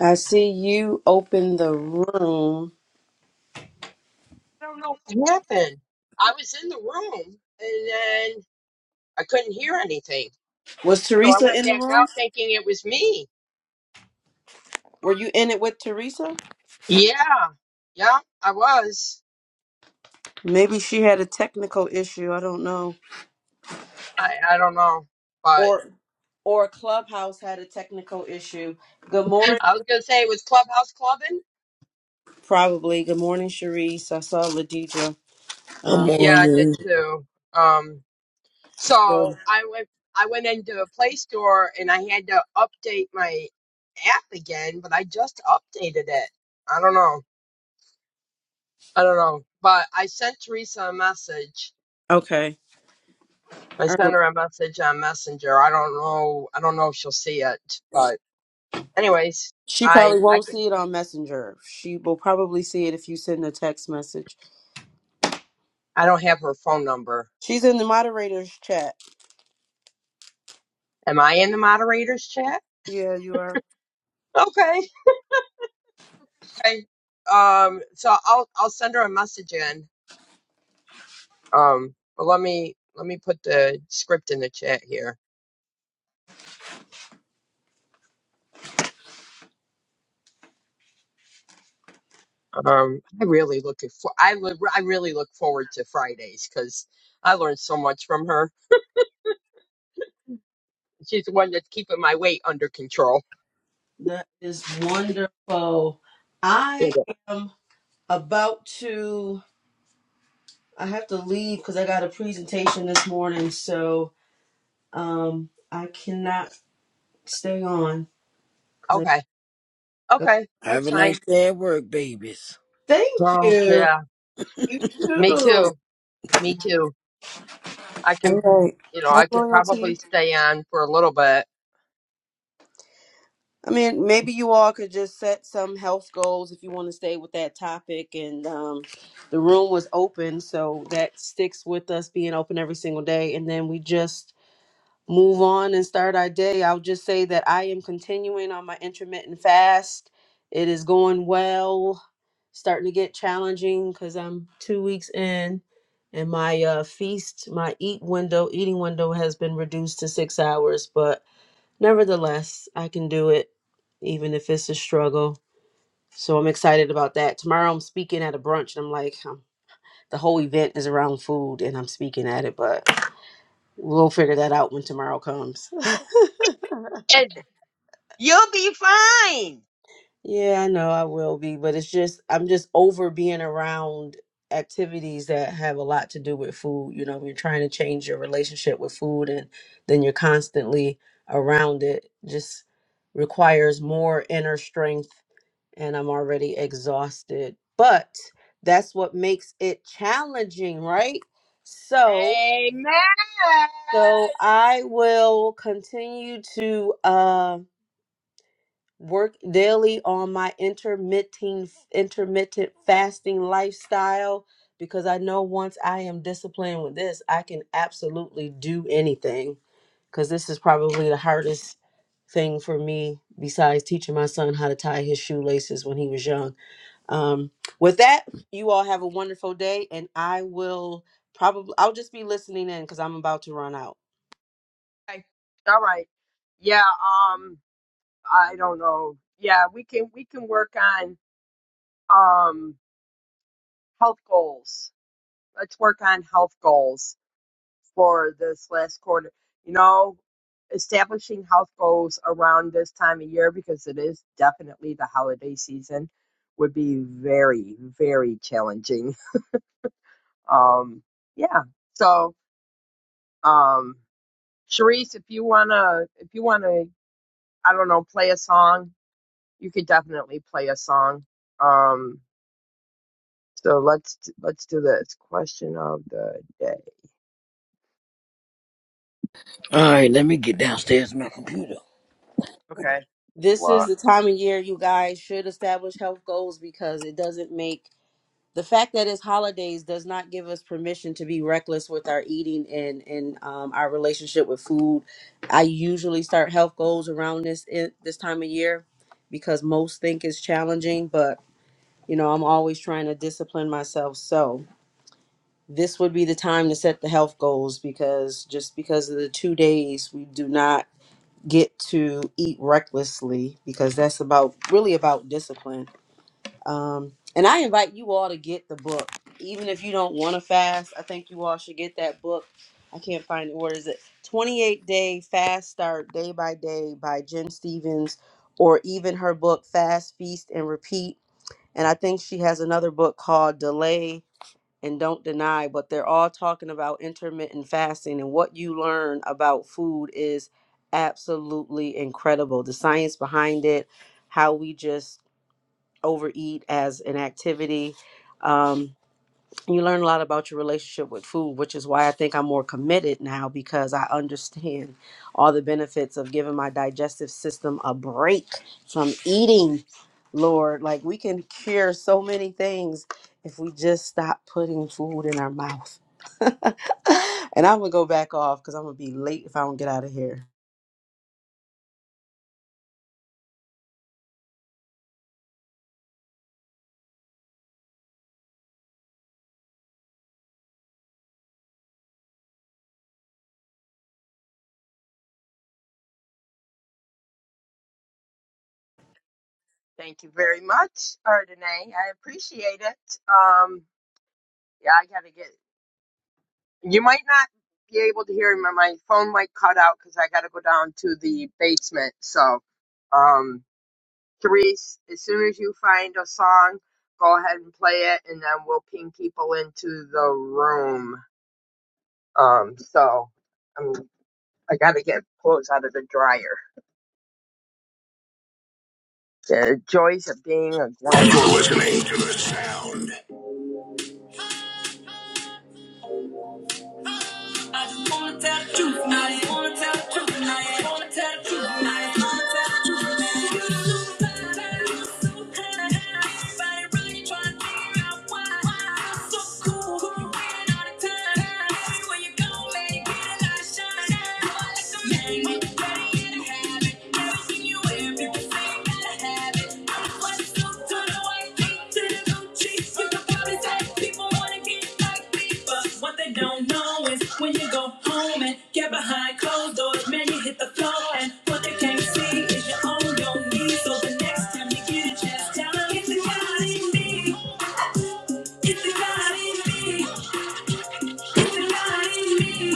I see you open the room. I don't know what happened. I was in the room and then I couldn't hear anything. Was So I Teresa went in the back room? out thinking it was me. Were you in it with Teresa? Yeah. Yeah, I was. Maybe she had a technical issue. I don't know. I, I don't know. But Or or Clubhouse had a technical issue. Good morning. I was gonna say it was Clubhouse Clubbing. Probably. Good morning, Sharice. I saw Ladija. Good Um, Yeah, I did morning. too. Um so- so I went I went into the Play Store and I had to update my app again, but I just updated it. I don't know. I don't know. But I sent Teresa a message okay. I sent Er, her a message on Messenger. I don't know. I don't know if she'll see it, but anyways, She I probably I won't can, see it on Messenger. She will probably see it if you send a text message. I don't have her phone number. She's in the moderator's chat. Am I in the moderators chat? Yeah, you are. Okay. Okay. Um. So I'll I'll send her a message in. Um. But let me let me put the script in the chat here. Um. I really looking for. I li- I really look forward to Fridays because I learned so much from her. She's the one that's keeping my weight under control. That is wonderful. I am. about to i have to leave because i got a presentation this morning so um i cannot stay on because i Okay. go Okay. Have That's a nice fine. day at work, babies. thank Oh, you yeah. you Me too too. Me too. I All can, right. you know, Hi, I could probably loyalty. stay on for a little bit. i mean maybe you all could just set some health goals if you want to stay with that topic and um the room was open so that sticks with us being open every single day and then we just move on and start our day, I'll just say that I am continuing on my intermittent fast. It is going well, starting to get challenging because I'm two weeks in, and my uh, feast, my eat window, eating window has been reduced to six hours. But nevertheless, I can do it, even if it's a struggle. So I'm excited about that. Tomorrow I'm speaking at a brunch, and I'm like, um, the whole event is around food, and I'm speaking at it, but we'll figure that out when tomorrow comes. And you'll be fine. Yeah, I know I will be, but it's just I'm just over being around activities that have a lot to do with food. You know, you're trying to change your relationship with food and then you're constantly around it. Just requires more inner strength and I'm already exhausted. But that's what makes it challenging, right? So, Amen. so I will continue to um work daily on my intermittent intermittent fasting lifestyle because I know once I am disciplined with this, I can absolutely do anything cuz this is probably the hardest thing for me besides teaching my son how to tie his shoelaces when he was young. Um with that, you all have a wonderful day and I will probably I'll just be listening in cuz I'm about to run out. Okay. All right. Yeah. Um, I don't know. Yeah, we can, we can work on, um, health goals. Let's work on health goals. for this last quarter. You know, establishing house goals around this time of year because it is definitely the holiday season would be very, very challenging. Um, yeah. So, um, Sharice, if you wanna, if you wanna, I don't know, play a song, you could definitely play a song. Um, so let's let's do this question of the day. All right, let me get downstairs to my computer. Okay. This Why? is the time of year you guys should establish health goals because it doesn't make the fact that it's holidays does not give us permission to be reckless with our eating and and um, our relationship with food. I usually start health goals around this i- this time of year because most think it's challenging, but you know I'm always trying to discipline myself. So this would be the time to set the health goals because just because of the two days we do not get to eat recklessly because that's about really about discipline um, and I invite you all to get the book, even if you don't want to fast. I think you all should get that book. I can't find it. What is it? 28 Day Fast Start Day by Day by Jen Stevens, or even her book, Fast, Feast, and Repeat. And I think she has another book called Delay and Don't Deny, but they're all talking about intermittent fasting. And what you learn about food is absolutely incredible. The science behind it, how we just overeat as an activity. Um, you learn a lot about your relationship with food, which is why I think I'm more committed now because I understand all the benefits of giving my digestive system a break from eating. Lord, like we can cure so many things if we just stop putting food in our mouth. and I'm gonna go back off because I'm gonna be late if I don't get out of here. Thank you very much, Ardenay. I appreciate it. Um, yeah, I gotta get. You might not be able to hear me. My phone might cut out because I gotta go down to the basement. So, um, Therese, as soon as you find a song, go ahead and play it, and then we'll ping people into the room. Um, so I'm. I gotta get clothes out of the dryer. The joys of being a grandma. I just wanna tell the truth now. You wanna tell the truth now. You wanna tell the truth now. You wanna tell the truth You don't know why, why you look so bad. Everybody really trying to figure out why. Why I'm so cool, you being all the time. Everywhere you go, man, you get a lot of shine. Boy, like a man, you better get a habit. do when you go home and get behind closed doors, man, you hit the floor, and what they can't see is you're on your knees. So the next time you get a chance, tell them it's the God in me, it's the God in me, it's the God in me.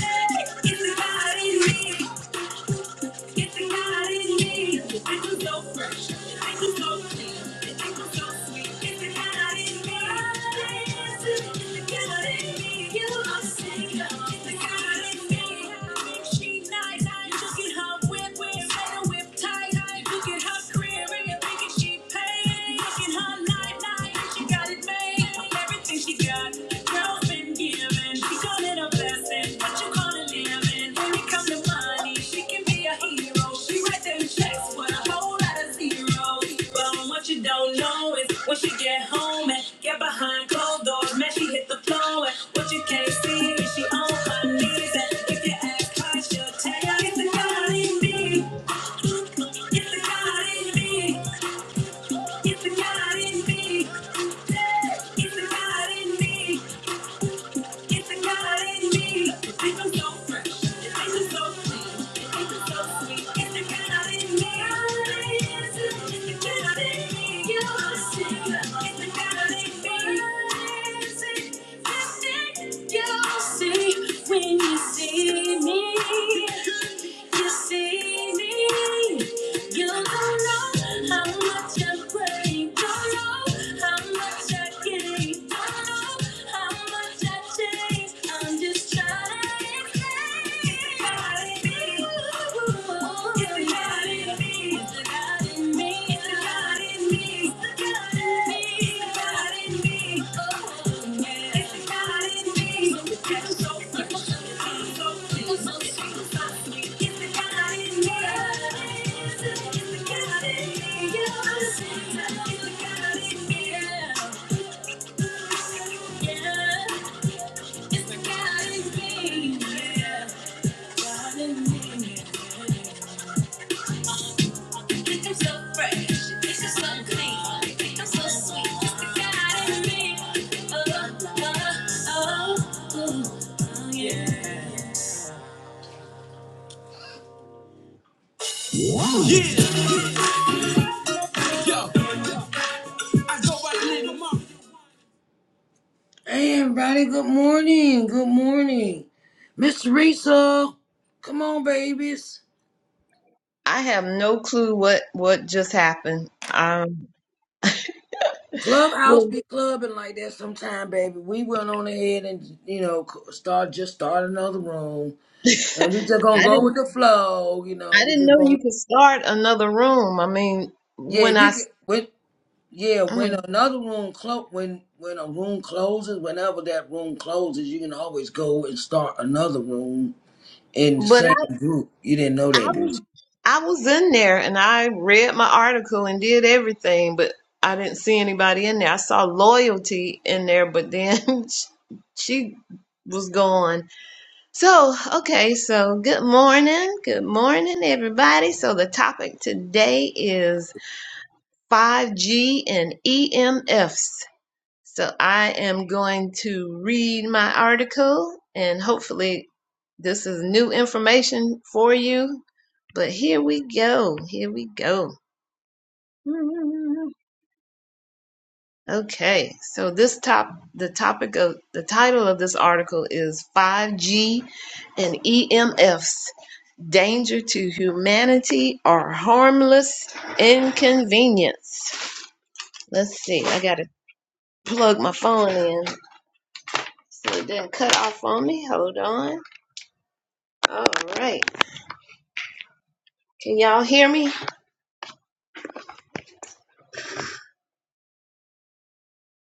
Hey, it's the God in me. It's the God in me. Thank you so fresh. Thank you so clean. it's you so sweet. It's the God in me. It's the God in me. You are Savior. It's the God in me. She nice. Look at her whip, whip, better whip tight. Look at her career and you're thinking she paid. Look at her night, night. She got it made. Everything. She got a girl's been giving. She call it a blessing. What you call it living? When it comes to money, she can be a hero. She writes them checks with a whole lot of zeros. But what you don't know is when she get home and get behind closed doors, man, she hit the floor. And what you can't see is she on her knees. And if you ask her, she'll tell you it's the God in me. It's the God in me. It's the God in me. Yeah, It's the God in me. It's a God in me. Life so fresh. Life is so clean. so It's a God in me. It's a God me. You're a sinner. It's a God me. It's a God see when you see me. You see me. You don't know how much I'm praying. Don't know how much I give. Don't know yeah. Hey everybody, good morning, good morning. Miss Teresa, come on babies. I have no clue what what just happened. Um, Clubhouse Well, be clubbing like that sometime, baby. We went on ahead and you know c- start just start another room, and we just gonna I go didn't with the flow. You know, I we didn't just know going. you could start another room. I mean, Yeah, when I you can. s- When, yeah, when mm. another room clo- when when a room closes, whenever that room closes, you can always go and start another room in the but same group. You didn't know I, I that, did was you? I was in there and I read my article and did everything, but I didn't see anybody in there. I saw loyalty in there, but then she she was gone. So, okay, so good morning. Good morning, everybody. So, the topic today is 5G and EMFs. So, I am going to read my article, and hopefully, this is new information for you. But here we go. Here we go. Okay, so this top the topic of the title of this article is 5G and EMFs. danger to humanity or harmless inconvenience. Let's see. I gotta plug my phone in so it didn't cut off on me. Hold on. All right. Can y'all hear me?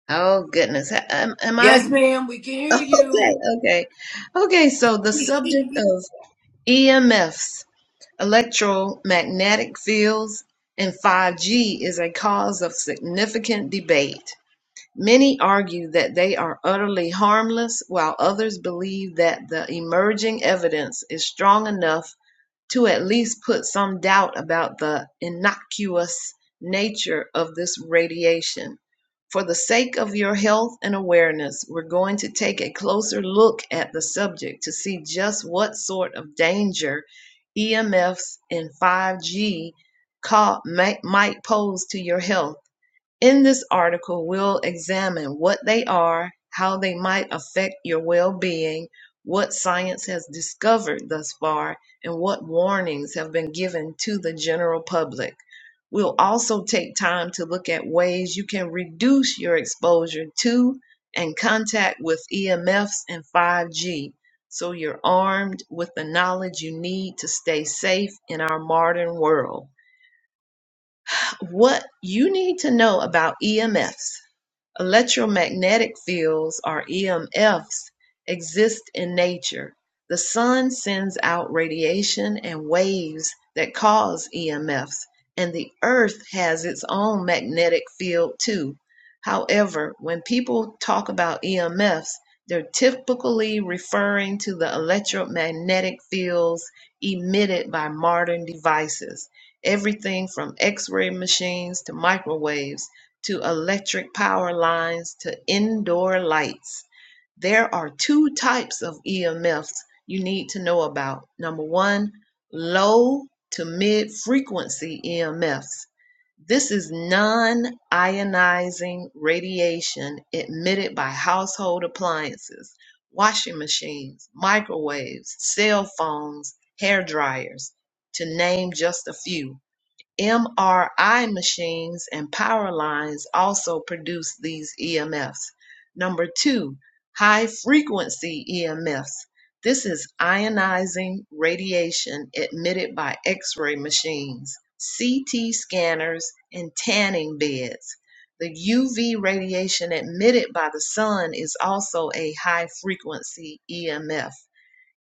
Oh goodness. Am, am I Yes, ma'am. We can hear you. okay? Okay. Okay. So the subject of EMFs, electromagnetic fields, and 5G is a cause of significant debate. Many argue that they are utterly harmless, while others believe that the emerging evidence is strong enough to at least put some doubt about the innocuous nature of this radiation. For the sake of your health and awareness, we're going to take a closer look at the subject to see just what sort of danger EMFs and 5G might pose to your health in this article, we'll examine what they are, how they might affect your well being, what science has discovered thus far, and what warnings have been given to the general public. We'll also take time to look at ways you can reduce your exposure to and contact with EMFs and 5G so you're armed with the knowledge you need to stay safe in our modern world. What you need to know about EMFs. Electromagnetic fields, or EMFs, exist in nature. The sun sends out radiation and waves that cause EMFs, and the earth has its own magnetic field too. However, when people talk about EMFs, they're typically referring to the electromagnetic fields emitted by modern devices, everything from x ray machines to microwaves to electric power lines to indoor lights. There are two types of EMFs you need to know about. Number one, low to mid frequency EMFs. This is non ionizing radiation emitted by household appliances, washing machines, microwaves, cell phones, hair dryers, to name just a few. MRI machines and power lines also produce these EMFs. Number two, high frequency EMFs. This is ionizing radiation emitted by X ray machines, CT scanners, and tanning beds. The UV radiation emitted by the sun is also a high frequency EMF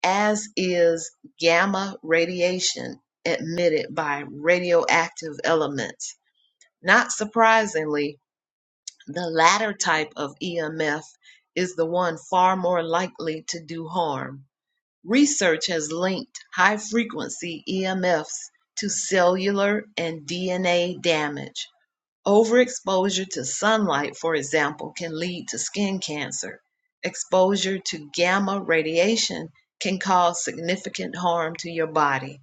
as is gamma radiation emitted by radioactive elements. Not surprisingly, the latter type of EMF is the one far more likely to do harm. Research has linked high frequency EMFs to cellular and DNA damage. Overexposure to sunlight, for example, can lead to skin cancer. Exposure to gamma radiation can cause significant harm to your body.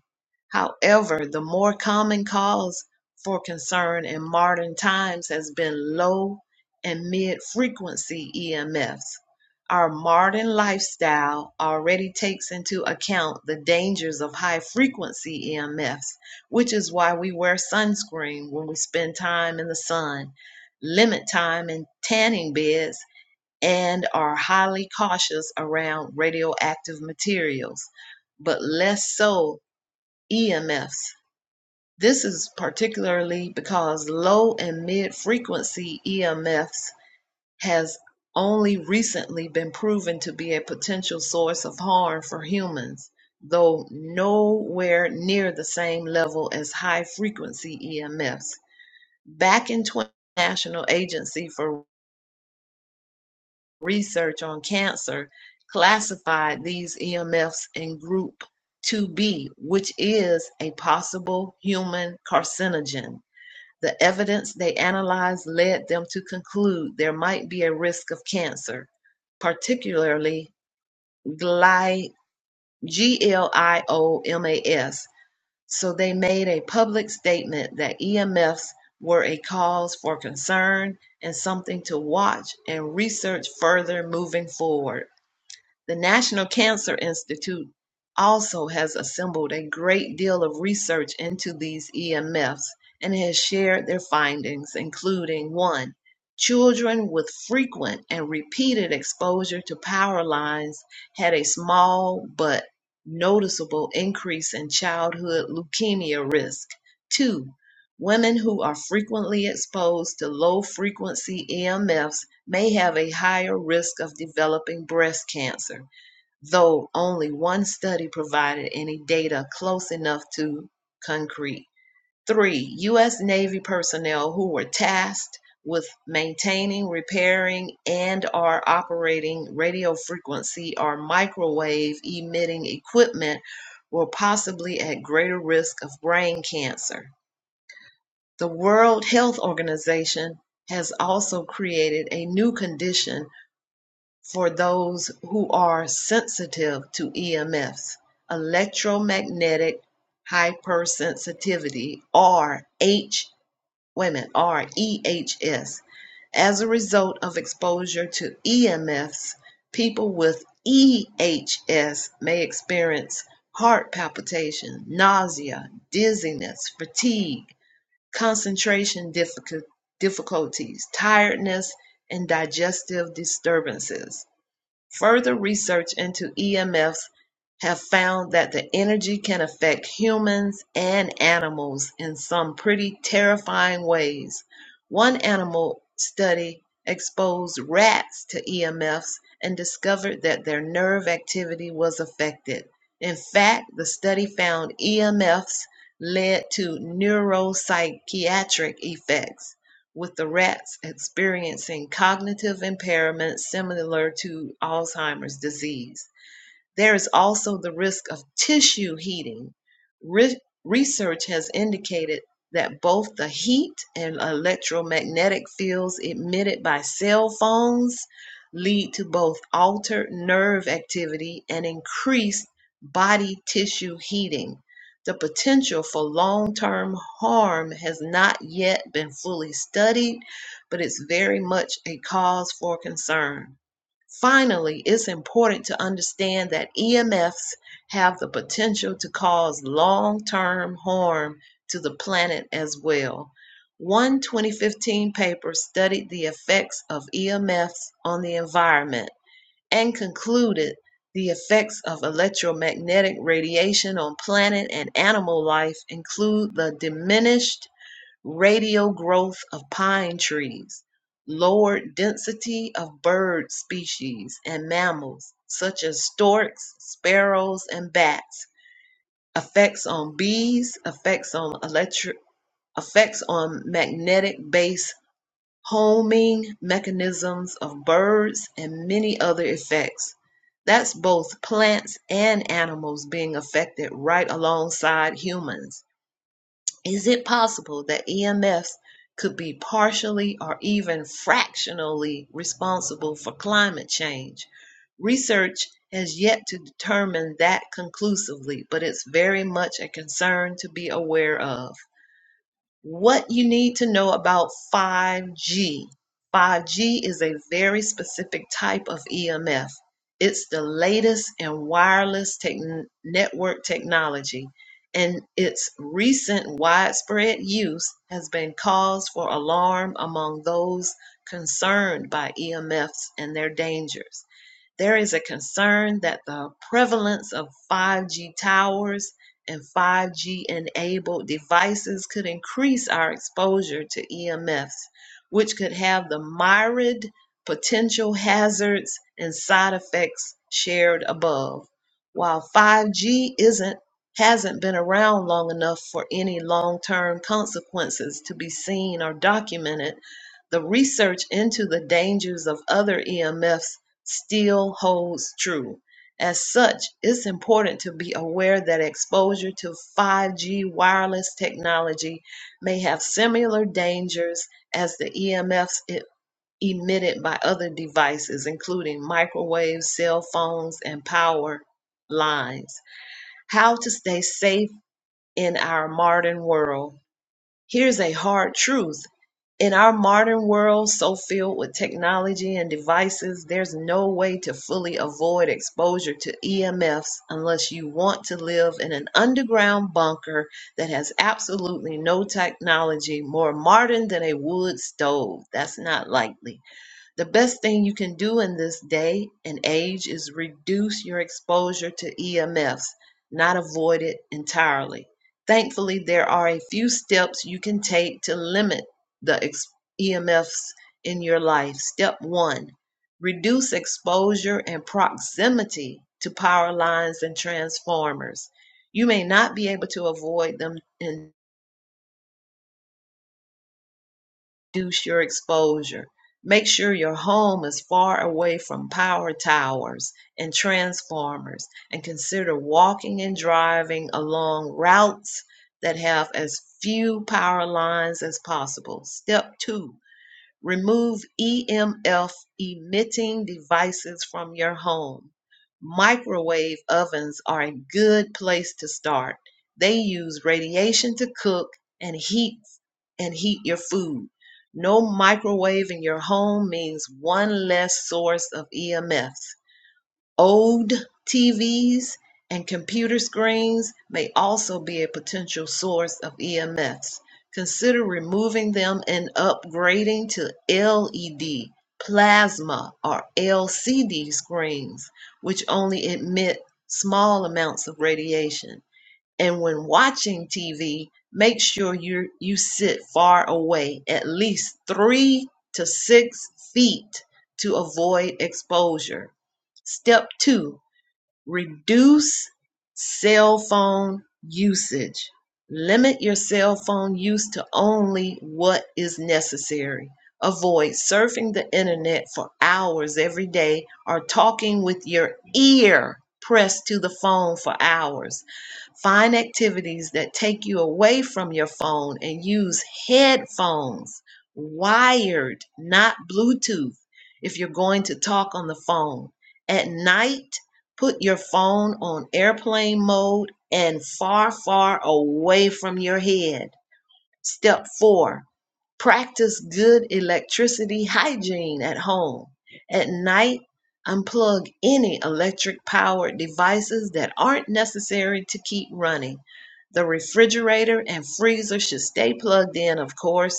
However, the more common cause for concern in modern times has been low and mid frequency EMFs. Our modern lifestyle already takes into account the dangers of high frequency EMFs which is why we wear sunscreen when we spend time in the sun, limit time in tanning beds, and are highly cautious around radioactive materials, but less so EMFs. This is particularly because low and mid frequency EMFs has only recently been proven to be a potential source of harm for humans, though nowhere near the same level as high-frequency EMFs. Back in 20, the National Agency for Research on Cancer classified these EMFs in Group 2B, which is a possible human carcinogen. The evidence they analyzed led them to conclude there might be a risk of cancer, particularly GLIOMAS. So they made a public statement that EMFs were a cause for concern and something to watch and research further moving forward. The National Cancer Institute also has assembled a great deal of research into these EMFs and has shared their findings, including one, children with frequent and repeated exposure to power lines had a small but noticeable increase in childhood leukemia risk. Two, women who are frequently exposed to low frequency EMFs may have a higher risk of developing breast cancer, though only one study provided any data close enough to concrete. Three, U.S. Navy personnel who were tasked with maintaining, repairing, and or operating radio frequency or microwave emitting equipment were possibly at greater risk of brain cancer. The World Health Organization has also created a new condition for those who are sensitive to EMFs, electromagnetic hypersensitivity, or H, women, or EHS. As a result of exposure to EMFs, people with EHS may experience heart palpitation, nausea, dizziness, fatigue, concentration difficulties, tiredness, and digestive disturbances. Further research into emf have found that the energy can affect humans and animals in some pretty terrifying ways. One animal study exposed rats to EMFs and discovered that their nerve activity was affected. In fact, the study found EMFs led to neuropsychiatric effects with the rats experiencing cognitive impairment similar to Alzheimer's disease. There is also the risk of tissue heating. Re- research has indicated that both the heat and electromagnetic fields emitted by cell phones lead to both altered nerve activity and increased body tissue heating. The potential for long term harm has not yet been fully studied, but it's very much a cause for concern. Finally, it's important to understand that EMFs have the potential to cause long term harm to the planet as well. One 2015 paper studied the effects of EMFs on the environment and concluded the effects of electromagnetic radiation on planet and animal life include the diminished radial growth of pine trees, lower density of bird species and mammals such as storks, sparrows, and bats, effects on bees, effects on electric, effects on magnetic base homing mechanisms of birds, and many other effects. That's both plants and animals being affected right alongside humans is it possible that EMFs could be partially or even fractionally responsible for climate change? Research has yet to determine that conclusively, but it's very much a concern to be aware of what you need to know about 5G. 5G is a very specific type of EMF. It's the latest in wireless techn network technology, and its recent widespread use has been cause for alarm among those concerned by EMFs and their dangers. There is a concern that the prevalence of 5G towers and 5G enabled devices could increase our exposure to EMFs, which could have the myriad potential hazards and side effects shared above. While 5G isn't hasn't been around long enough for any long-term consequences to be seen or documented, the research into the dangers of other EMFs still holds true. As such, it's important to be aware that exposure to 5G wireless technology may have similar dangers as the EMFs e- M Fs it- emitted by other devices, including microwaves, cell phones, and power lines. How to stay safe in our modern world. Here's a hard truth in our modern world, so filled with technology and devices, there's no way to fully avoid exposure to EMFs unless you want to live in an underground bunker that has absolutely no technology more modern than a wood stove. That's not likely. The best thing you can do in this day and age is reduce your exposure to EMFs, not avoid it entirely. Thankfully, there are a few steps you can take to limit the ex- EMFs in your life. Step one reduce exposure and proximity to power lines and transformers. You may not be able to avoid them in reduce your exposure. Make sure your home is far away from power towers and transformers and consider walking and driving along routes that have as few power lines as possible. Step two, Remove EMF emitting devices from your home. Microwave ovens are a good place to start. They use radiation to cook and heat and heat your food. No microwave in your home means one less source of EMFs. Old TVs and computer screens may also be a potential source of EMFs. Consider removing them and upgrading to LED, plasma, or LCD screens, which only emit small amounts of radiation. And when watching TV, make sure you you sit far away, at least three to six feet to avoid exposure. Step two, reduce cell phone usage. Limit your cell phone use to only what is necessary. Avoid surfing the internet for hours every day or talking with your ear pressed to the phone for hours Find activities that take you away from your phone and use headphones, wired, not Bluetooth, if you're going to talk on the phone. At night, put your phone on airplane mode and far, far away from your head. Step four, Practice good electricity hygiene at home. At night, unplug any electric powered devices that aren't necessary to keep running. The refrigerator and freezer should stay plugged in, of course,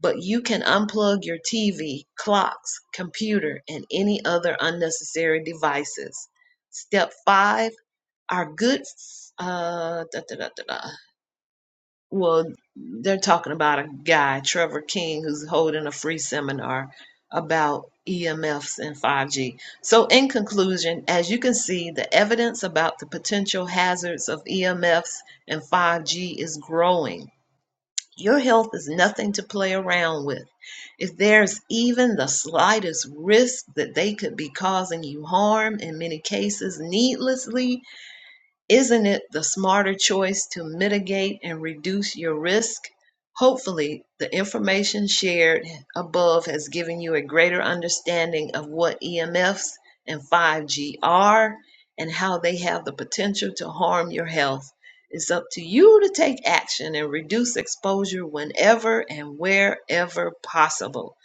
but you can unplug your TV, clocks, computer, and any other unnecessary devices. Step five are good. Uh, da, da, da, da, da. Well, they're talking about a guy, Trevor King, who's holding a free seminar about EMFs and 5G. So, in conclusion, as you can see, the evidence about the potential hazards of EMFs and 5G is growing. Your health is nothing to play around with. If there's even the slightest risk that they could be causing you harm, in many cases needlessly, isn't it the smarter choice to mitigate and reduce your risk? Hopefully, the information shared above has given you a greater understanding of what EMFs and 5G are and how they have the potential to harm your health. It's up to you to take action and reduce exposure whenever and wherever possible.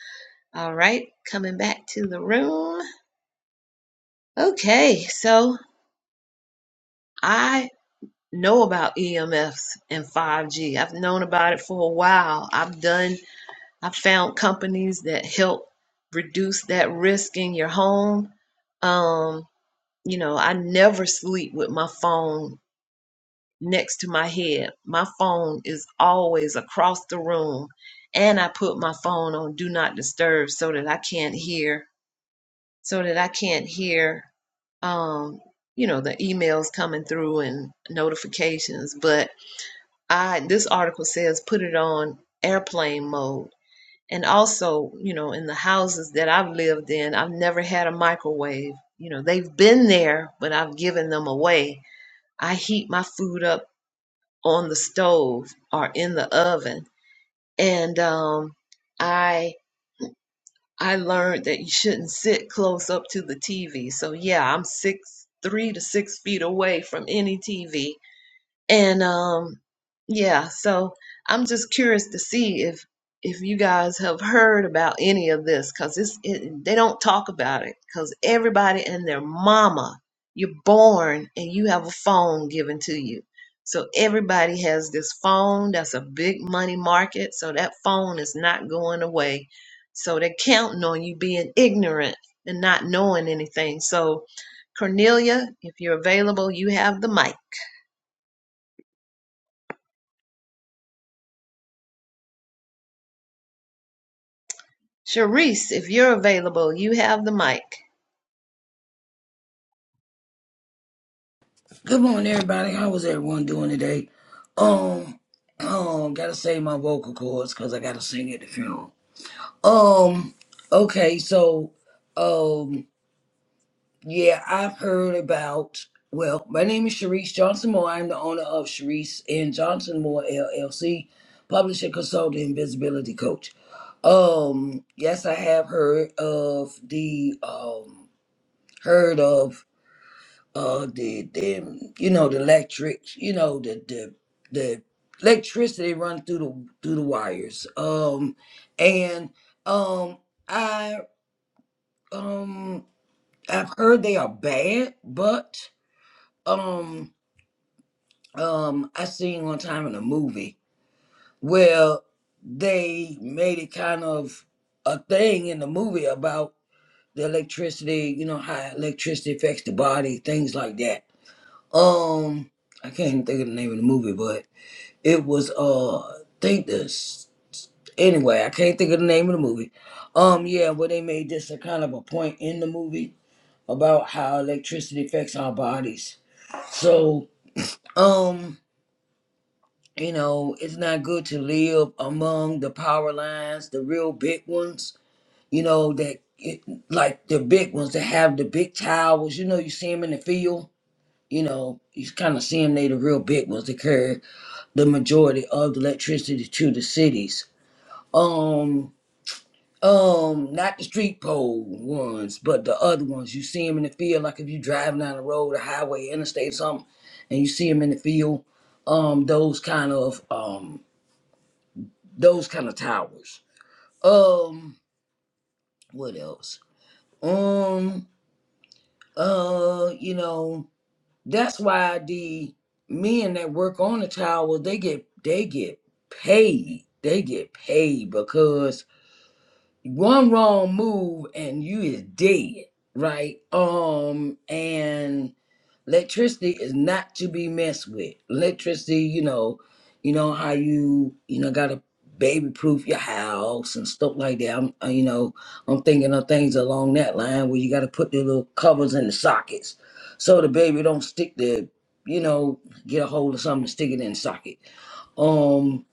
All right, coming back to the room. Okay, so I know about EMFs and 5G. I've known about it for a while. I've done, I've found companies that help reduce that risk in your home. Um, you know, I never sleep with my phone next to my head. My phone is always across the room. And I put my phone on do not disturb so that I can't hear, so that I can't hear, um, you know, the emails coming through and notifications. But I this article says put it on airplane mode. And also, you know, in the houses that I've lived in, I've never had a microwave. You know, they've been there, but I've given them away. I heat my food up on the stove or in the oven. And um I I learned that you shouldn't sit close up to the TV. So yeah, I'm six three to six feet away from any TV and um yeah so i'm just curious to see if if you guys have heard about any of this because it's it, they don't talk about it because everybody and their mama you're born and you have a phone given to you so everybody has this phone that's a big money market so that phone is not going away so they're counting on you being ignorant and not knowing anything so cornelia if you're available you have the mic Sharice, if you're available, you have the mic. Good morning, everybody. How was everyone doing today? Um, um, gotta save my vocal cords because I gotta sing at the funeral. Um, okay, so, um, yeah, I've heard about. Well, my name is Sharice Johnson Moore. I'm the owner of Sharice and Johnson Moore LLC, publisher, consultant, and visibility coach. Um, yes, I have heard of the um heard of uh the the you know the electrics you know the the the electricity run through the through the wires um and um i um i've heard they are bad but um um i seen one time in a movie where they made it kind of a thing in the movie about the electricity you know how electricity affects the body things like that Um, I can't even think of the name of the movie, but it was uh, think this. Anyway, I can't think of the name of the movie. Um, yeah, where they made this a kind of a point in the movie about how electricity affects our bodies. So, um, you know, it's not good to live among the power lines, the real big ones. You know that, it, like the big ones that have the big towers. You know, you see them in the field. You know, you kind of see them. They the real big ones. that carry the majority of the electricity to the cities. Um, um, not the street pole ones, but the other ones. You see them in the field, like if you're driving down the road, a highway, interstate, or something, and you see them in the field. Um, those kind of um, those kind of towers. Um, what else? Um, uh, you know, that's why the men that work on the tower, they get they get paid. They get paid because. one wrong move and you is dead, right? Um, and electricity is not to be messed with. Electricity, you know, you know how you you know gotta baby proof your house and stuff like that. I'm uh, you know I'm thinking of things along that line where you gotta put the little covers in the sockets so the baby don't stick the you know get a hold of something and stick it in the socket. Um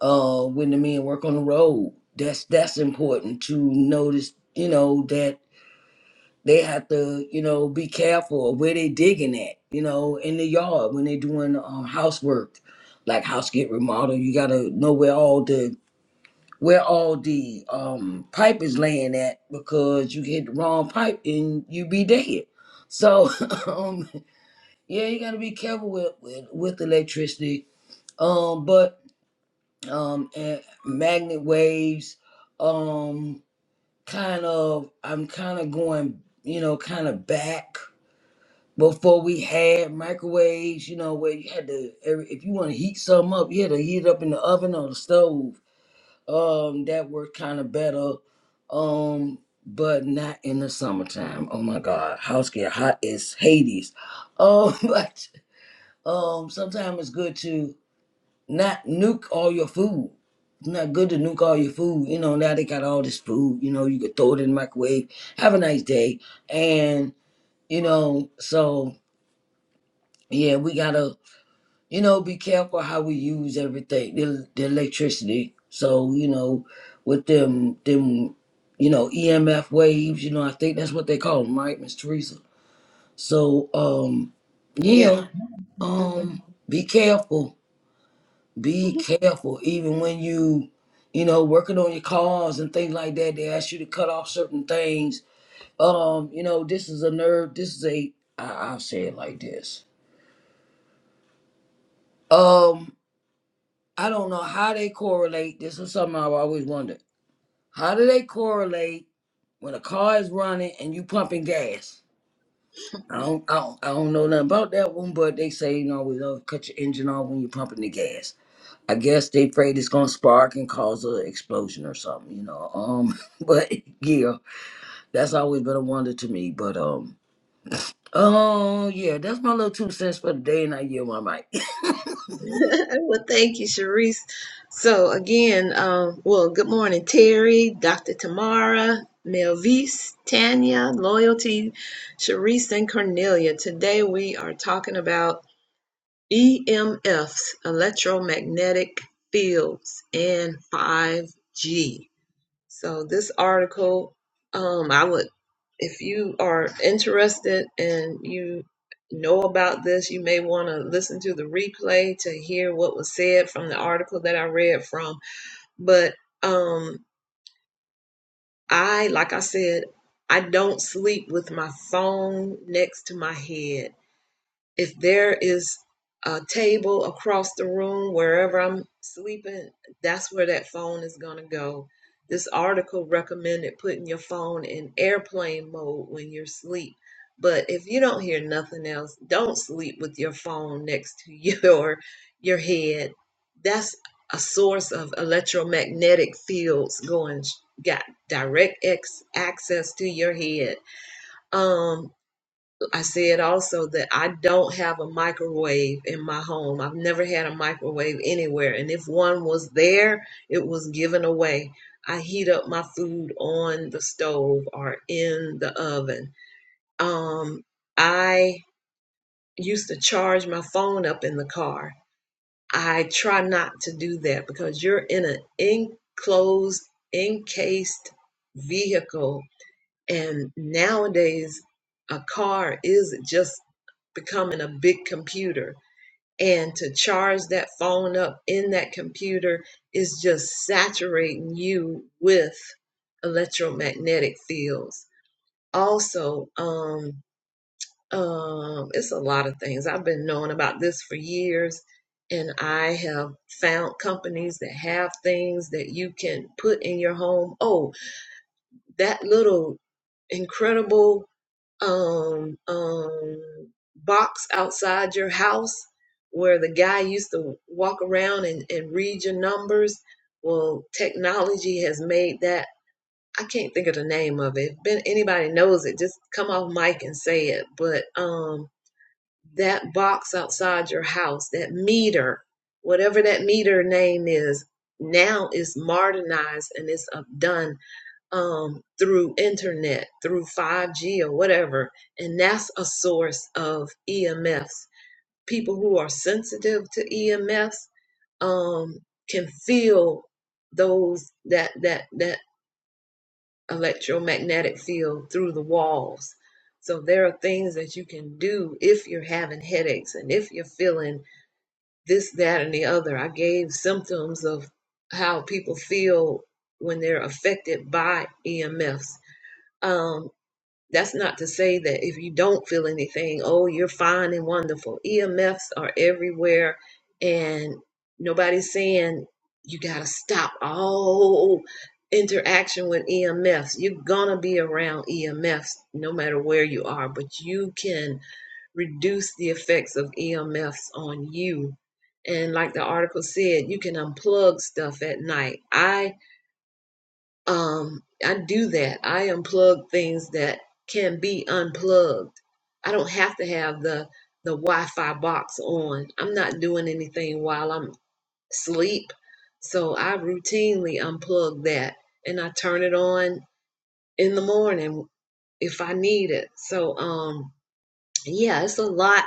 uh when the men work on the road that's that's important to notice you know that they have to you know be careful of where they digging at you know in the yard when they doing um, housework like house get remodeled you gotta know where all the where all the um pipe is laying at because you hit the wrong pipe and you be dead so um yeah you gotta be careful with with, with electricity um but um and magnet waves um kind of i'm kind of going you know kind of back before we had microwaves you know where you had to every, if you want to heat something up you had to heat it up in the oven or the stove um that worked kind of better um but not in the summertime oh my god house get hot as hades um but um sometimes it's good to not nuke all your food. It's not good to nuke all your food. You know, now they got all this food, you know, you could throw it in the microwave. Have a nice day. And, you know, so yeah, we gotta, you know, be careful how we use everything, the, the electricity. So, you know, with them them, you know, EMF waves, you know, I think that's what they call them, right, Miss Teresa? So, um, Yeah. yeah, hmm um, be careful be careful even when you you know working on your cars and things like that they ask you to cut off certain things um you know this is a nerve this is a I, i'll say it like this um i don't know how they correlate this is something i've always wondered how do they correlate when a car is running and you pumping gas I don't, I don't, I don't know nothing about that one, but they say, you know, we love to cut your engine off when you're pumping the gas. I guess they afraid it's gonna spark and cause an explosion or something, you know. Um, but yeah, that's always been a wonder to me. But um, oh yeah, that's my little two cents for the day, and I yield my mic. well, thank you, Sharice. So again, um, well, good morning, Terry, Dr. Tamara, Melvise, Tanya, Loyalty, Sharice, and Cornelia. Today we are talking about EMFs, electromagnetic fields, and 5G. So this article, um, I would, if you are interested and you know about this, you may want to listen to the replay to hear what was said from the article that I read from. But um, I, like I said, I don't sleep with my phone next to my head if there is a table across the room wherever I'm sleeping, that's where that phone is going to go. This article recommended putting your phone in airplane mode when you're asleep. But if you don't hear nothing else, don't sleep with your phone next to your your head. That's a source of electromagnetic fields going got direct ex- access to your head. Um I said also that I don't have a microwave in my home. I've never had a microwave anywhere. And if one was there, it was given away. I heat up my food on the stove or in the oven. Um, I used to charge my phone up in the car. I try not to do that because you're in an enclosed, encased vehicle. And nowadays, a car is just becoming a big computer and to charge that phone up in that computer is just saturating you with electromagnetic fields also um um it's a lot of things i've been knowing about this for years and i have found companies that have things that you can put in your home oh that little incredible um, um, box outside your house where the guy used to walk around and, and read your numbers. Well, technology has made that. I can't think of the name of it. If anybody knows it, just come off mic and say it. But um, that box outside your house, that meter, whatever that meter name is, now is modernized and it's uh, done um, through internet, through 5G or whatever, and that's a source of EMFs. People who are sensitive to EMFs um, can feel those that that that electromagnetic field through the walls. So there are things that you can do if you're having headaches and if you're feeling this, that, and the other. I gave symptoms of how people feel when they're affected by EMFs That's not to say that if you don't feel anything, oh, you're fine and wonderful. EMFs are everywhere, and nobody's saying you got to stop all interaction with EMFs. You're going to be around EMFs no matter where you are, but you can reduce the effects of EMFs on you. And like the article said, you can unplug stuff at night. I um i do that i unplug things that can be unplugged i don't have to have the the wi-fi box on i'm not doing anything while i'm asleep so i routinely unplug that and i turn it on in the morning if i need it so um yeah it's a lot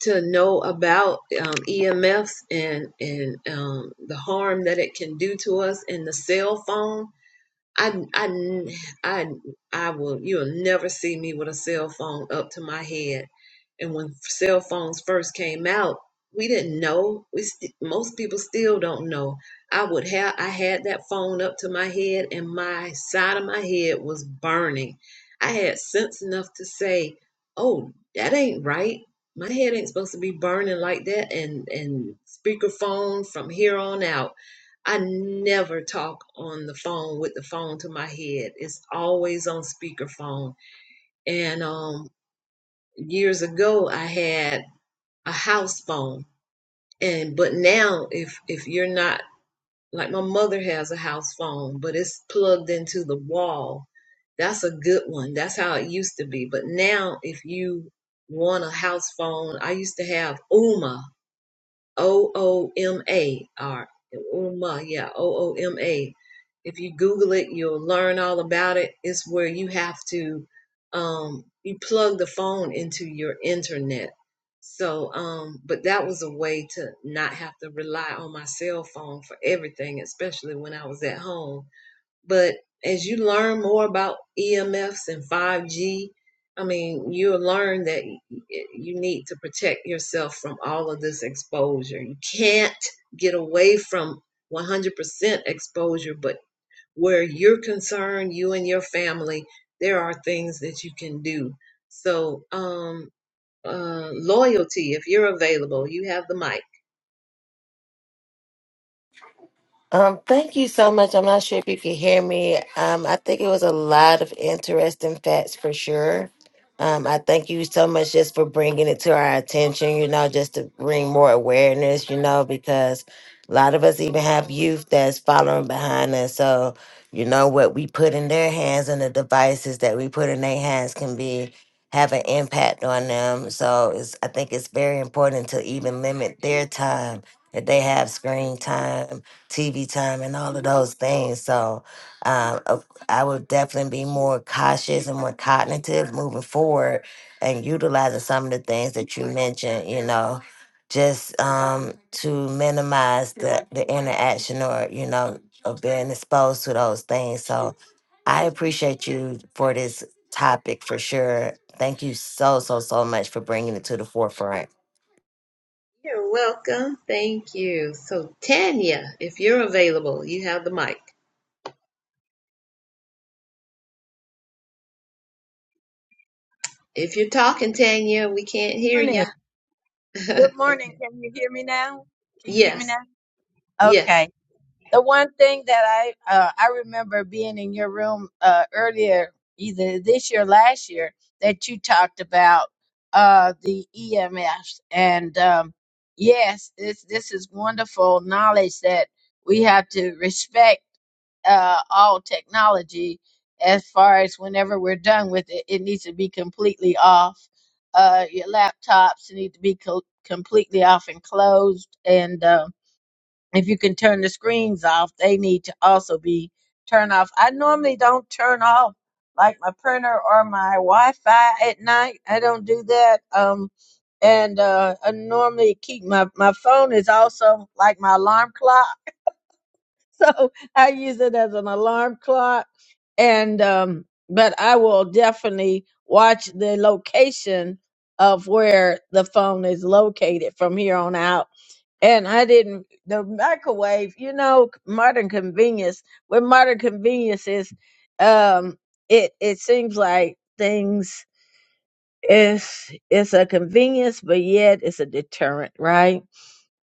to know about um, EMFs and and um, the harm that it can do to us in the cell phone I, I, I, I will, you'll never see me with a cell phone up to my head. And when cell phones first came out, we didn't know. We st- most people still don't know. I would have, I had that phone up to my head and my side of my head was burning. I had sense enough to say, oh, that ain't right. My head ain't supposed to be burning like that. And, and speakerphone from here on out I never talk on the phone with the phone to my head. It's always on speakerphone. And um years ago I had a house phone. And but now if if you're not like my mother has a house phone, but it's plugged into the wall. That's a good one. That's how it used to be. But now if you want a house phone, I used to have Uma O O M A R Uma, yeah, O O M A. If you Google it, you'll learn all about it. It's where you have to um you plug the phone into your internet. So um but that was a way to not have to rely on my cell phone for everything, especially when I was at home but as you learn more about EMFs and 5G, I mean, you'll learn that you need to protect yourself from all of this exposure. You can't get away from 100% exposure, but where you're concerned, you and your family, there are things that you can do. So, um, uh, loyalty, if you're available, you have the mic. Um, thank you so much. I'm not sure if you can hear me. Um, I think it was a lot of interesting facts for sure. Um, I thank you so much just for bringing it to our attention, you know, just to bring more awareness, you know, because a lot of us even have youth that's following behind us. So, you know, what we put in their hands and the devices that we put in their hands can be have an impact on them. So it's I think it's very important to even limit their time that they have screen time TV time and all of those things. So um, uh, I would definitely be more cautious and more cognitive moving forward and utilizing some of the things that you mentioned, you know, just um, to minimize the, the interaction or, you know, of being exposed to those things. So I appreciate you for this topic for sure. Thank you so, so, so much for bringing it to the forefront. You're welcome. Thank you. So, Tanya, if you're available, you have the mic. If you're talking, Tanya, we can't hear ya. morning. Good morning. Can you hear me now? Can you hear me yes, now? yes. Okay. The one thing that I uh, I remember being in your room uh, earlier, either this year or last year, that you talked about uh, the EMFs, and um, yes, this this is wonderful knowledge that we have to respect uh, all technology as far as whenever we're done with it, it needs to be completely off. Uh, your laptops need to be co- completely off and closed. And uh, if you can turn the screens off, they need to also be turned off. I normally don't turn off like my printer or my Wi Fi at night. I don't do that. Um, and uh, I normally keep my, my phone is also like my alarm clock so I use it as an alarm clock. And um, but I will definitely watch the location of where the phone is located from here on out. And I didn't the microwave, you know, modern convenience. With modern convenience is, um, it it seems like things is it's a convenience, but yet it's a deterrent, right?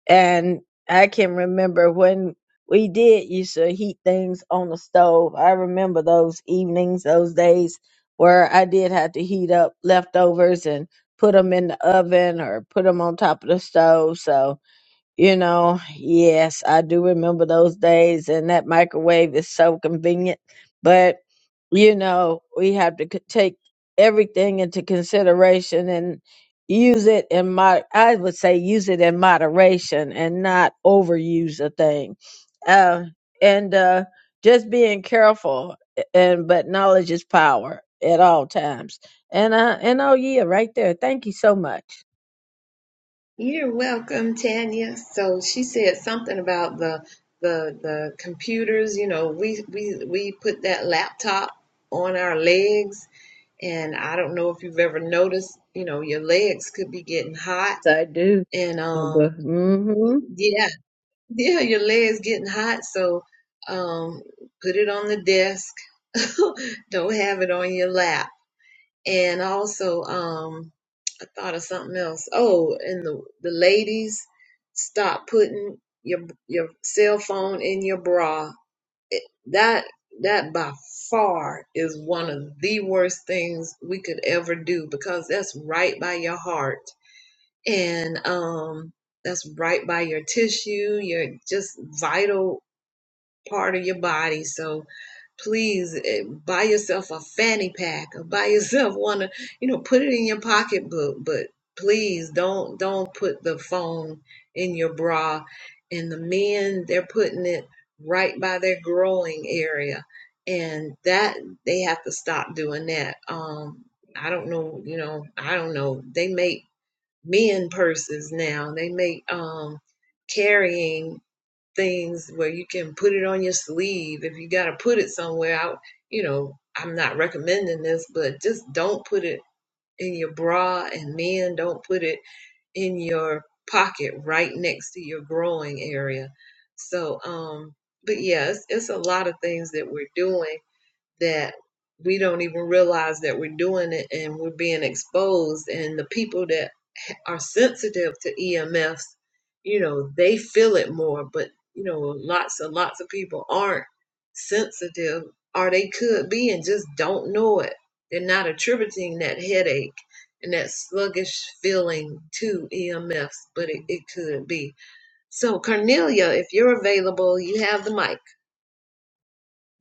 and I can remember when we did used to heat things on the stove. I remember those evenings, those days where I did have to heat up leftovers and put them in the oven or put them on top of the stove. So you know, yes, I do remember those days, and that microwave is so convenient. But, you know, we have to c- take everything into consideration and use it in mod. I would say use it in moderation and not overuse a thing. Uh, and uh, just being careful, and but knowledge is power at all times. And uh, and oh yeah, right there. Thank you so much. You're welcome, Tanya. So she said something about the the the computers. You know, we we we put that laptop on our legs, and I don't know if you've ever noticed. You know, your legs could be getting hot, I do. and um, Mm-hmm. yeah, yeah, your legs getting hot. So um, put it on the desk. don't have it on your lap and also um I thought of something else. Oh, and the the ladies stop putting your your cell phone in your bra. That that by far is one of the worst things we could ever do because that's right by your heart and um that's right by your tissue, your just vital part of your body. So please eh, buy yourself a fanny pack or buy yourself one, of- you know, put it in your pocketbook, but please don't don't put the phone in your bra. And the men, they're putting it right by their growing area. And that they have to stop doing that. Um, I don't know, you know, I don't know. They make men purses now. They make um carrying things where you can put it on your sleeve if you got to put it somewhere out you know i'm not recommending this but just don't put it in your bra and men don't put it in your pocket right next to your growing area so um but yes it's, it's a lot of things that we're doing that we don't even realize that we're doing it and we're being exposed and the people that are sensitive to EMFs, you know, they feel it more, but you know, lots and lots of people aren't sensitive or they could be and just don't know it. They're not attributing that headache and that sluggish feeling to EMFs, but it, it could be. So, Cornelia, if you're available, you have the mic.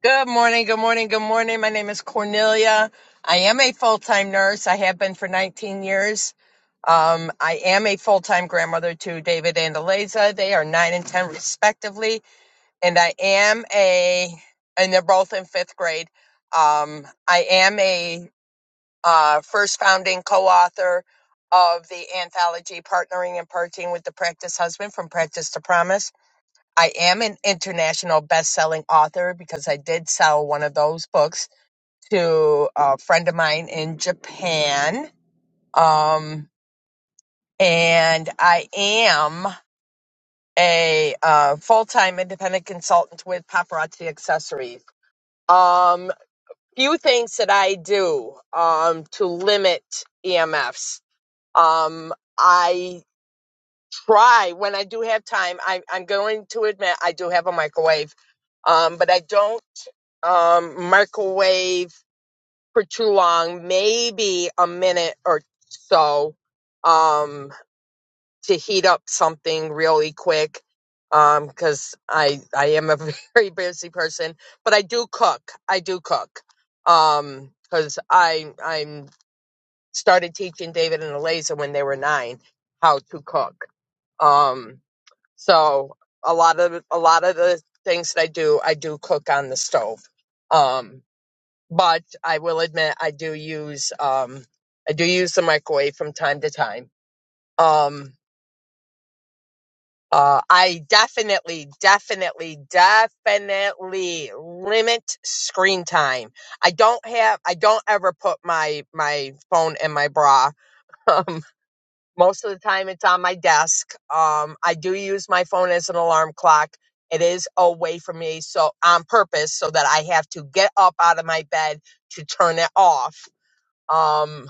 Good morning, good morning, good morning. My name is Cornelia. I am a full time nurse. I have been for 19 years. Um, I am a full time grandmother to David and Eliza. They are 9 and 10, respectively. And I am a, and they're both in fifth grade. Um, I am a uh, first founding co author of the anthology Partnering and Parting with the Practice Husband from Practice to Promise I am an international best-selling author because I did sell one of those books to a friend of mine in Japan. Um, and I am a uh, full-time independent consultant with Paparazzi Accessories. Um, few things that I do um, to limit EMFs. Um, I try when I do have time. I, I'm going to admit I do have a microwave, um, but I don't um, microwave for too long, maybe a minute or so um, to heat up something really quick because I, I am a very busy person, but I do cook. I do cook because I I'm started teaching David and Eliza when they were nine how to cook. Um, so a lot of a lot of the things that I do, I do cook on the stove. Um, but I will admit I do use um, I do use the microwave from time to time. Um, uh, I definitely, definitely, definitely limit screen time. I don't have I don't ever put my my phone in my bra. Most of the time, it's on my desk. Um, I do use my phone as an alarm clock. It is away from me, so on purpose, so that I have to get up out of my bed to turn it off. Um,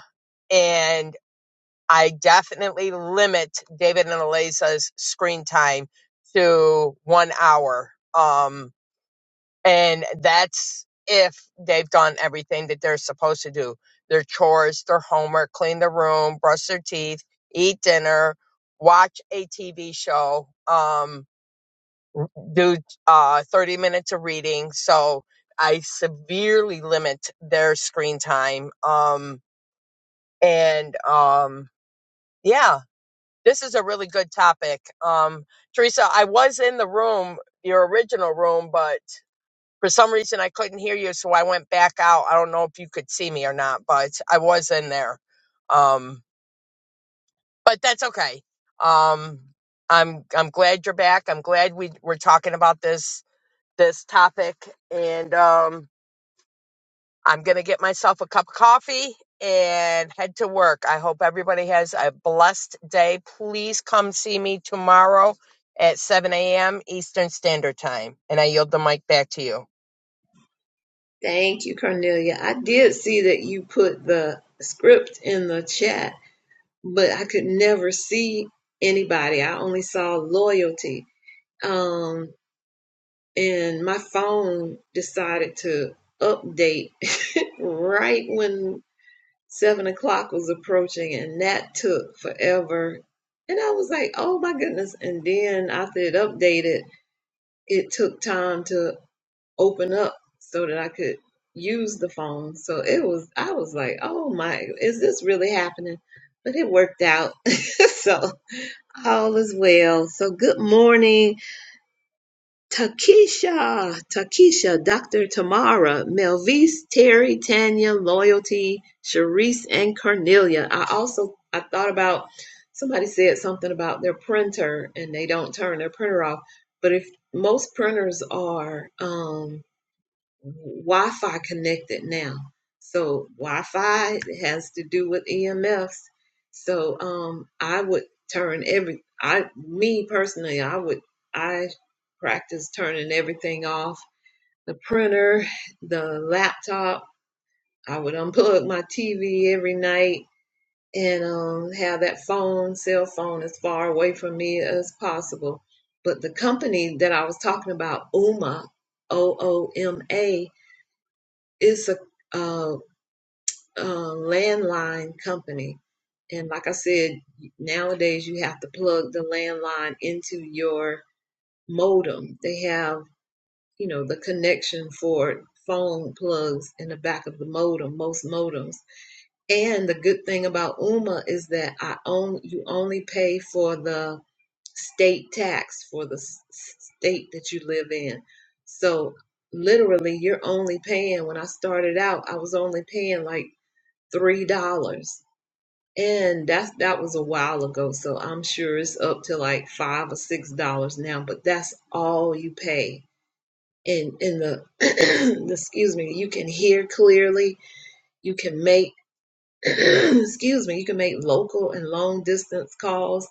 and I definitely limit David and Eliza's screen time to one hour. Um, and that's if they've done everything that they're supposed to do their chores, their homework, clean the room, brush their teeth, eat dinner, watch a TV show, um, do uh, 30 minutes of reading. So I severely limit their screen time. Um, and um, yeah, this is a really good topic. Um, Teresa, I was in the room, your original room, but For some reason, I couldn't hear you, so I went back out. I don't know if you could see me or not, but I was in there. Um, but that's okay. Um, I'm I'm glad you're back. I'm glad we we're talking about this this topic, and um, I'm gonna get myself a cup of coffee and head to work. I hope everybody has a blessed day. Please come see me tomorrow at 7 a.m. Eastern Standard Time, and I yield the mic back to you. Thank you, Cornelia. I did see that you put the script in the chat but I could never see anybody. I only saw loyalty. Um, and my phone decided to update right when seven o'clock was approaching, and that took forever. And I was like, oh my goodness. And then after it updated, it took time to open up so that I could use the phone. So it was, I was like, oh my, is this really happening? But it worked out. so All is well. So good morning, Takesha, Takesha, Dr. Tamara, Melvise, Terry, Tanya, Loyalty, Sharice, and Cornelia. I also I thought about somebody said something about their printer and they don't turn their printer off. But if most printers are, um, Wi-Fi connected now. So Wi-Fi has to do with EMFs. So um, I would turn every I me personally I would I practice turning everything off. The printer, the laptop. I would unplug my TV every night and um, have that phone, cell phone, as far away from me as possible. But the company that I was talking about, Uma, O O M A it's a, uh a landline company. And like I said, nowadays you have to plug the landline into your modem. They have, you know, the connection for phone plugs in the back of the modem, most modems. And the good thing about UMA is that I own you only pay for the state tax for the s- state that you live in. So literally you're only paying when I started out, I was only paying like three dollars and that's that was a while ago so i'm sure it's up to like five or six dollars now but that's all you pay and in the excuse me you can hear clearly you can make excuse me you can make local and long distance calls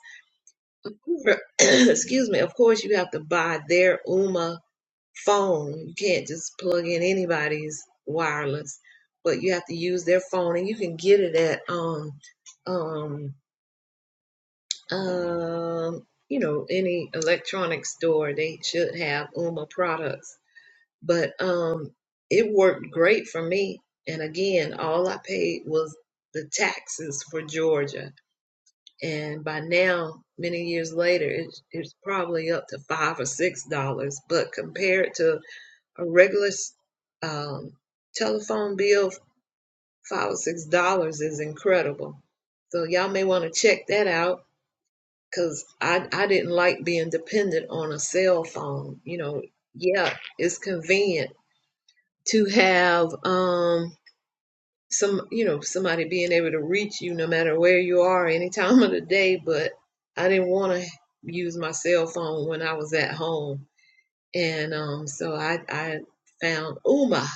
excuse me of course you have to buy their uma phone you can't just plug in anybody's wireless but you have to use their phone and you can get it at um um um, you know, any electronic store, they should have UMA products. But um, it worked great for me. And again, all I paid was the taxes for Georgia. And by now, many years later, it's, it's probably up to five or six dollars. But compared to a regular um, telephone bill, five or six dollars is incredible. So y'all may want to check that out because I, I didn't like being dependent on a cell phone. You know, yeah, it's convenient to have um some you know somebody being able to reach you no matter where you are any time of the day but i didn't want to use my cell phone when i was at home and um so i i found uma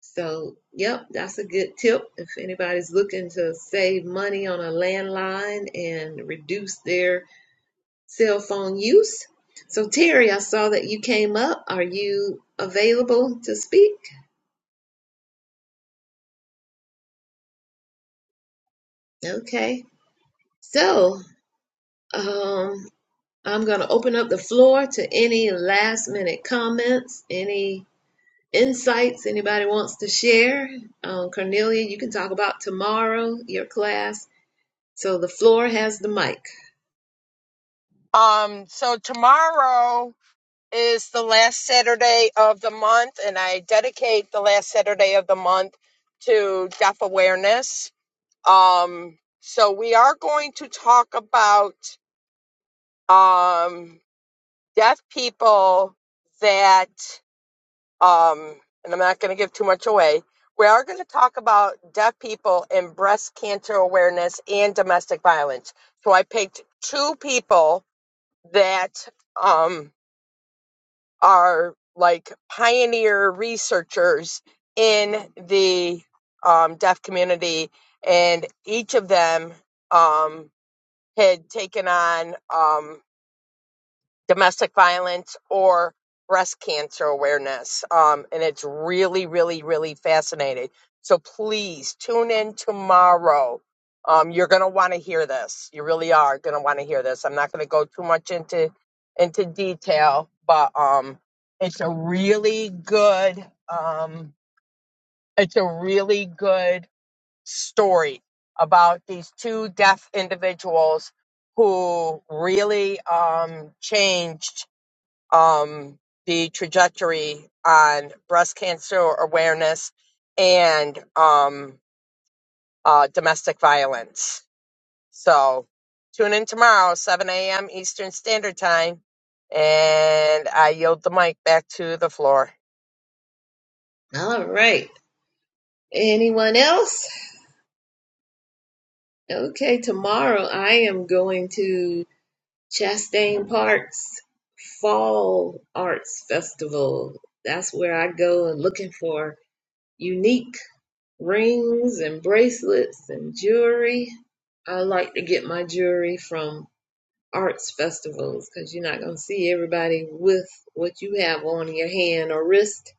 so yep that's a good tip if anybody's looking to save money on a landline and reduce their cell phone use. So, Terry, I saw that you came up. Are you available to speak? Okay. So, um, I'm going to open up the floor to any last minute comments, any insights anybody wants to share. Um, Cornelia, you can talk about tomorrow, your class. So, the floor has the mic. Um, so tomorrow. is the last Saturday of the month, and I dedicate the last Saturday of the month to deaf awareness. Um, so we are going to talk about um, deaf people that, um, and I'm not going to give too much away. We are going to talk about deaf people in breast cancer awareness and domestic violence. So I picked two people that um, are like pioneer researchers in the um, deaf community, and each of them um, had taken on. Um, domestic violence or breast cancer awareness. Um, and it's really, really, really fascinating. So please tune in tomorrow. Um, you're going to want to hear this. You really are going to want to hear this. I'm not going to go too much into into detail, but um, it's a really good um, it's a really good story about these two deaf individuals who really um, changed um, the trajectory on breast cancer awareness and um, uh, domestic violence. So tune in tomorrow, 7 a.m. Eastern Standard Time, and I yield the mic back to the floor. All right. Anyone else? Okay, tomorrow I am going to. Chastain Park's Fall Arts Festival. That's where I go and looking for unique rings and bracelets and jewelry. I like to get my jewelry from arts festivals because you're not going to see everybody with what you have on your hand or wrist.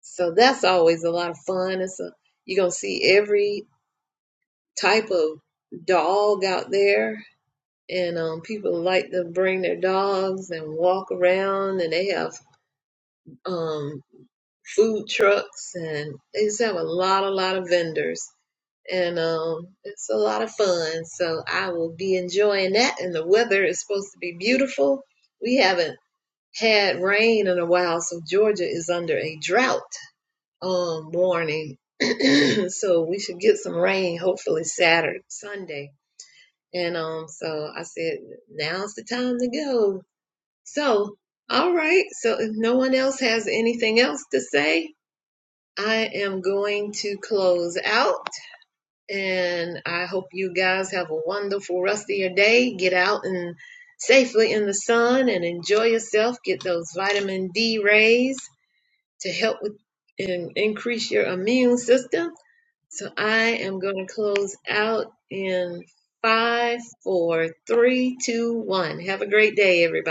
So that's always a lot of fun. It's a, you're going to see every type of dog out there and um, people like to bring their dogs and walk around, and they have um, food trucks, and they just have a lot, a lot of vendors, and um, it's a lot of fun. So I will be enjoying that, and the weather is supposed to be beautiful. We haven't had rain in a while, so Georgia is under a drought um, warning. so we should get some rain hopefully Saturday, Sunday. And um, so I said, now's the time to go So, all right. So, if no one else has anything else to say, I am going to close out. And I hope you guys have a wonderful rest of your day. Get out and safely in the sun and enjoy yourself. Get those vitamin D rays to help with and increase your immune system. So, I am going to close out in five, four, three, two, one. Have a great day, everybody.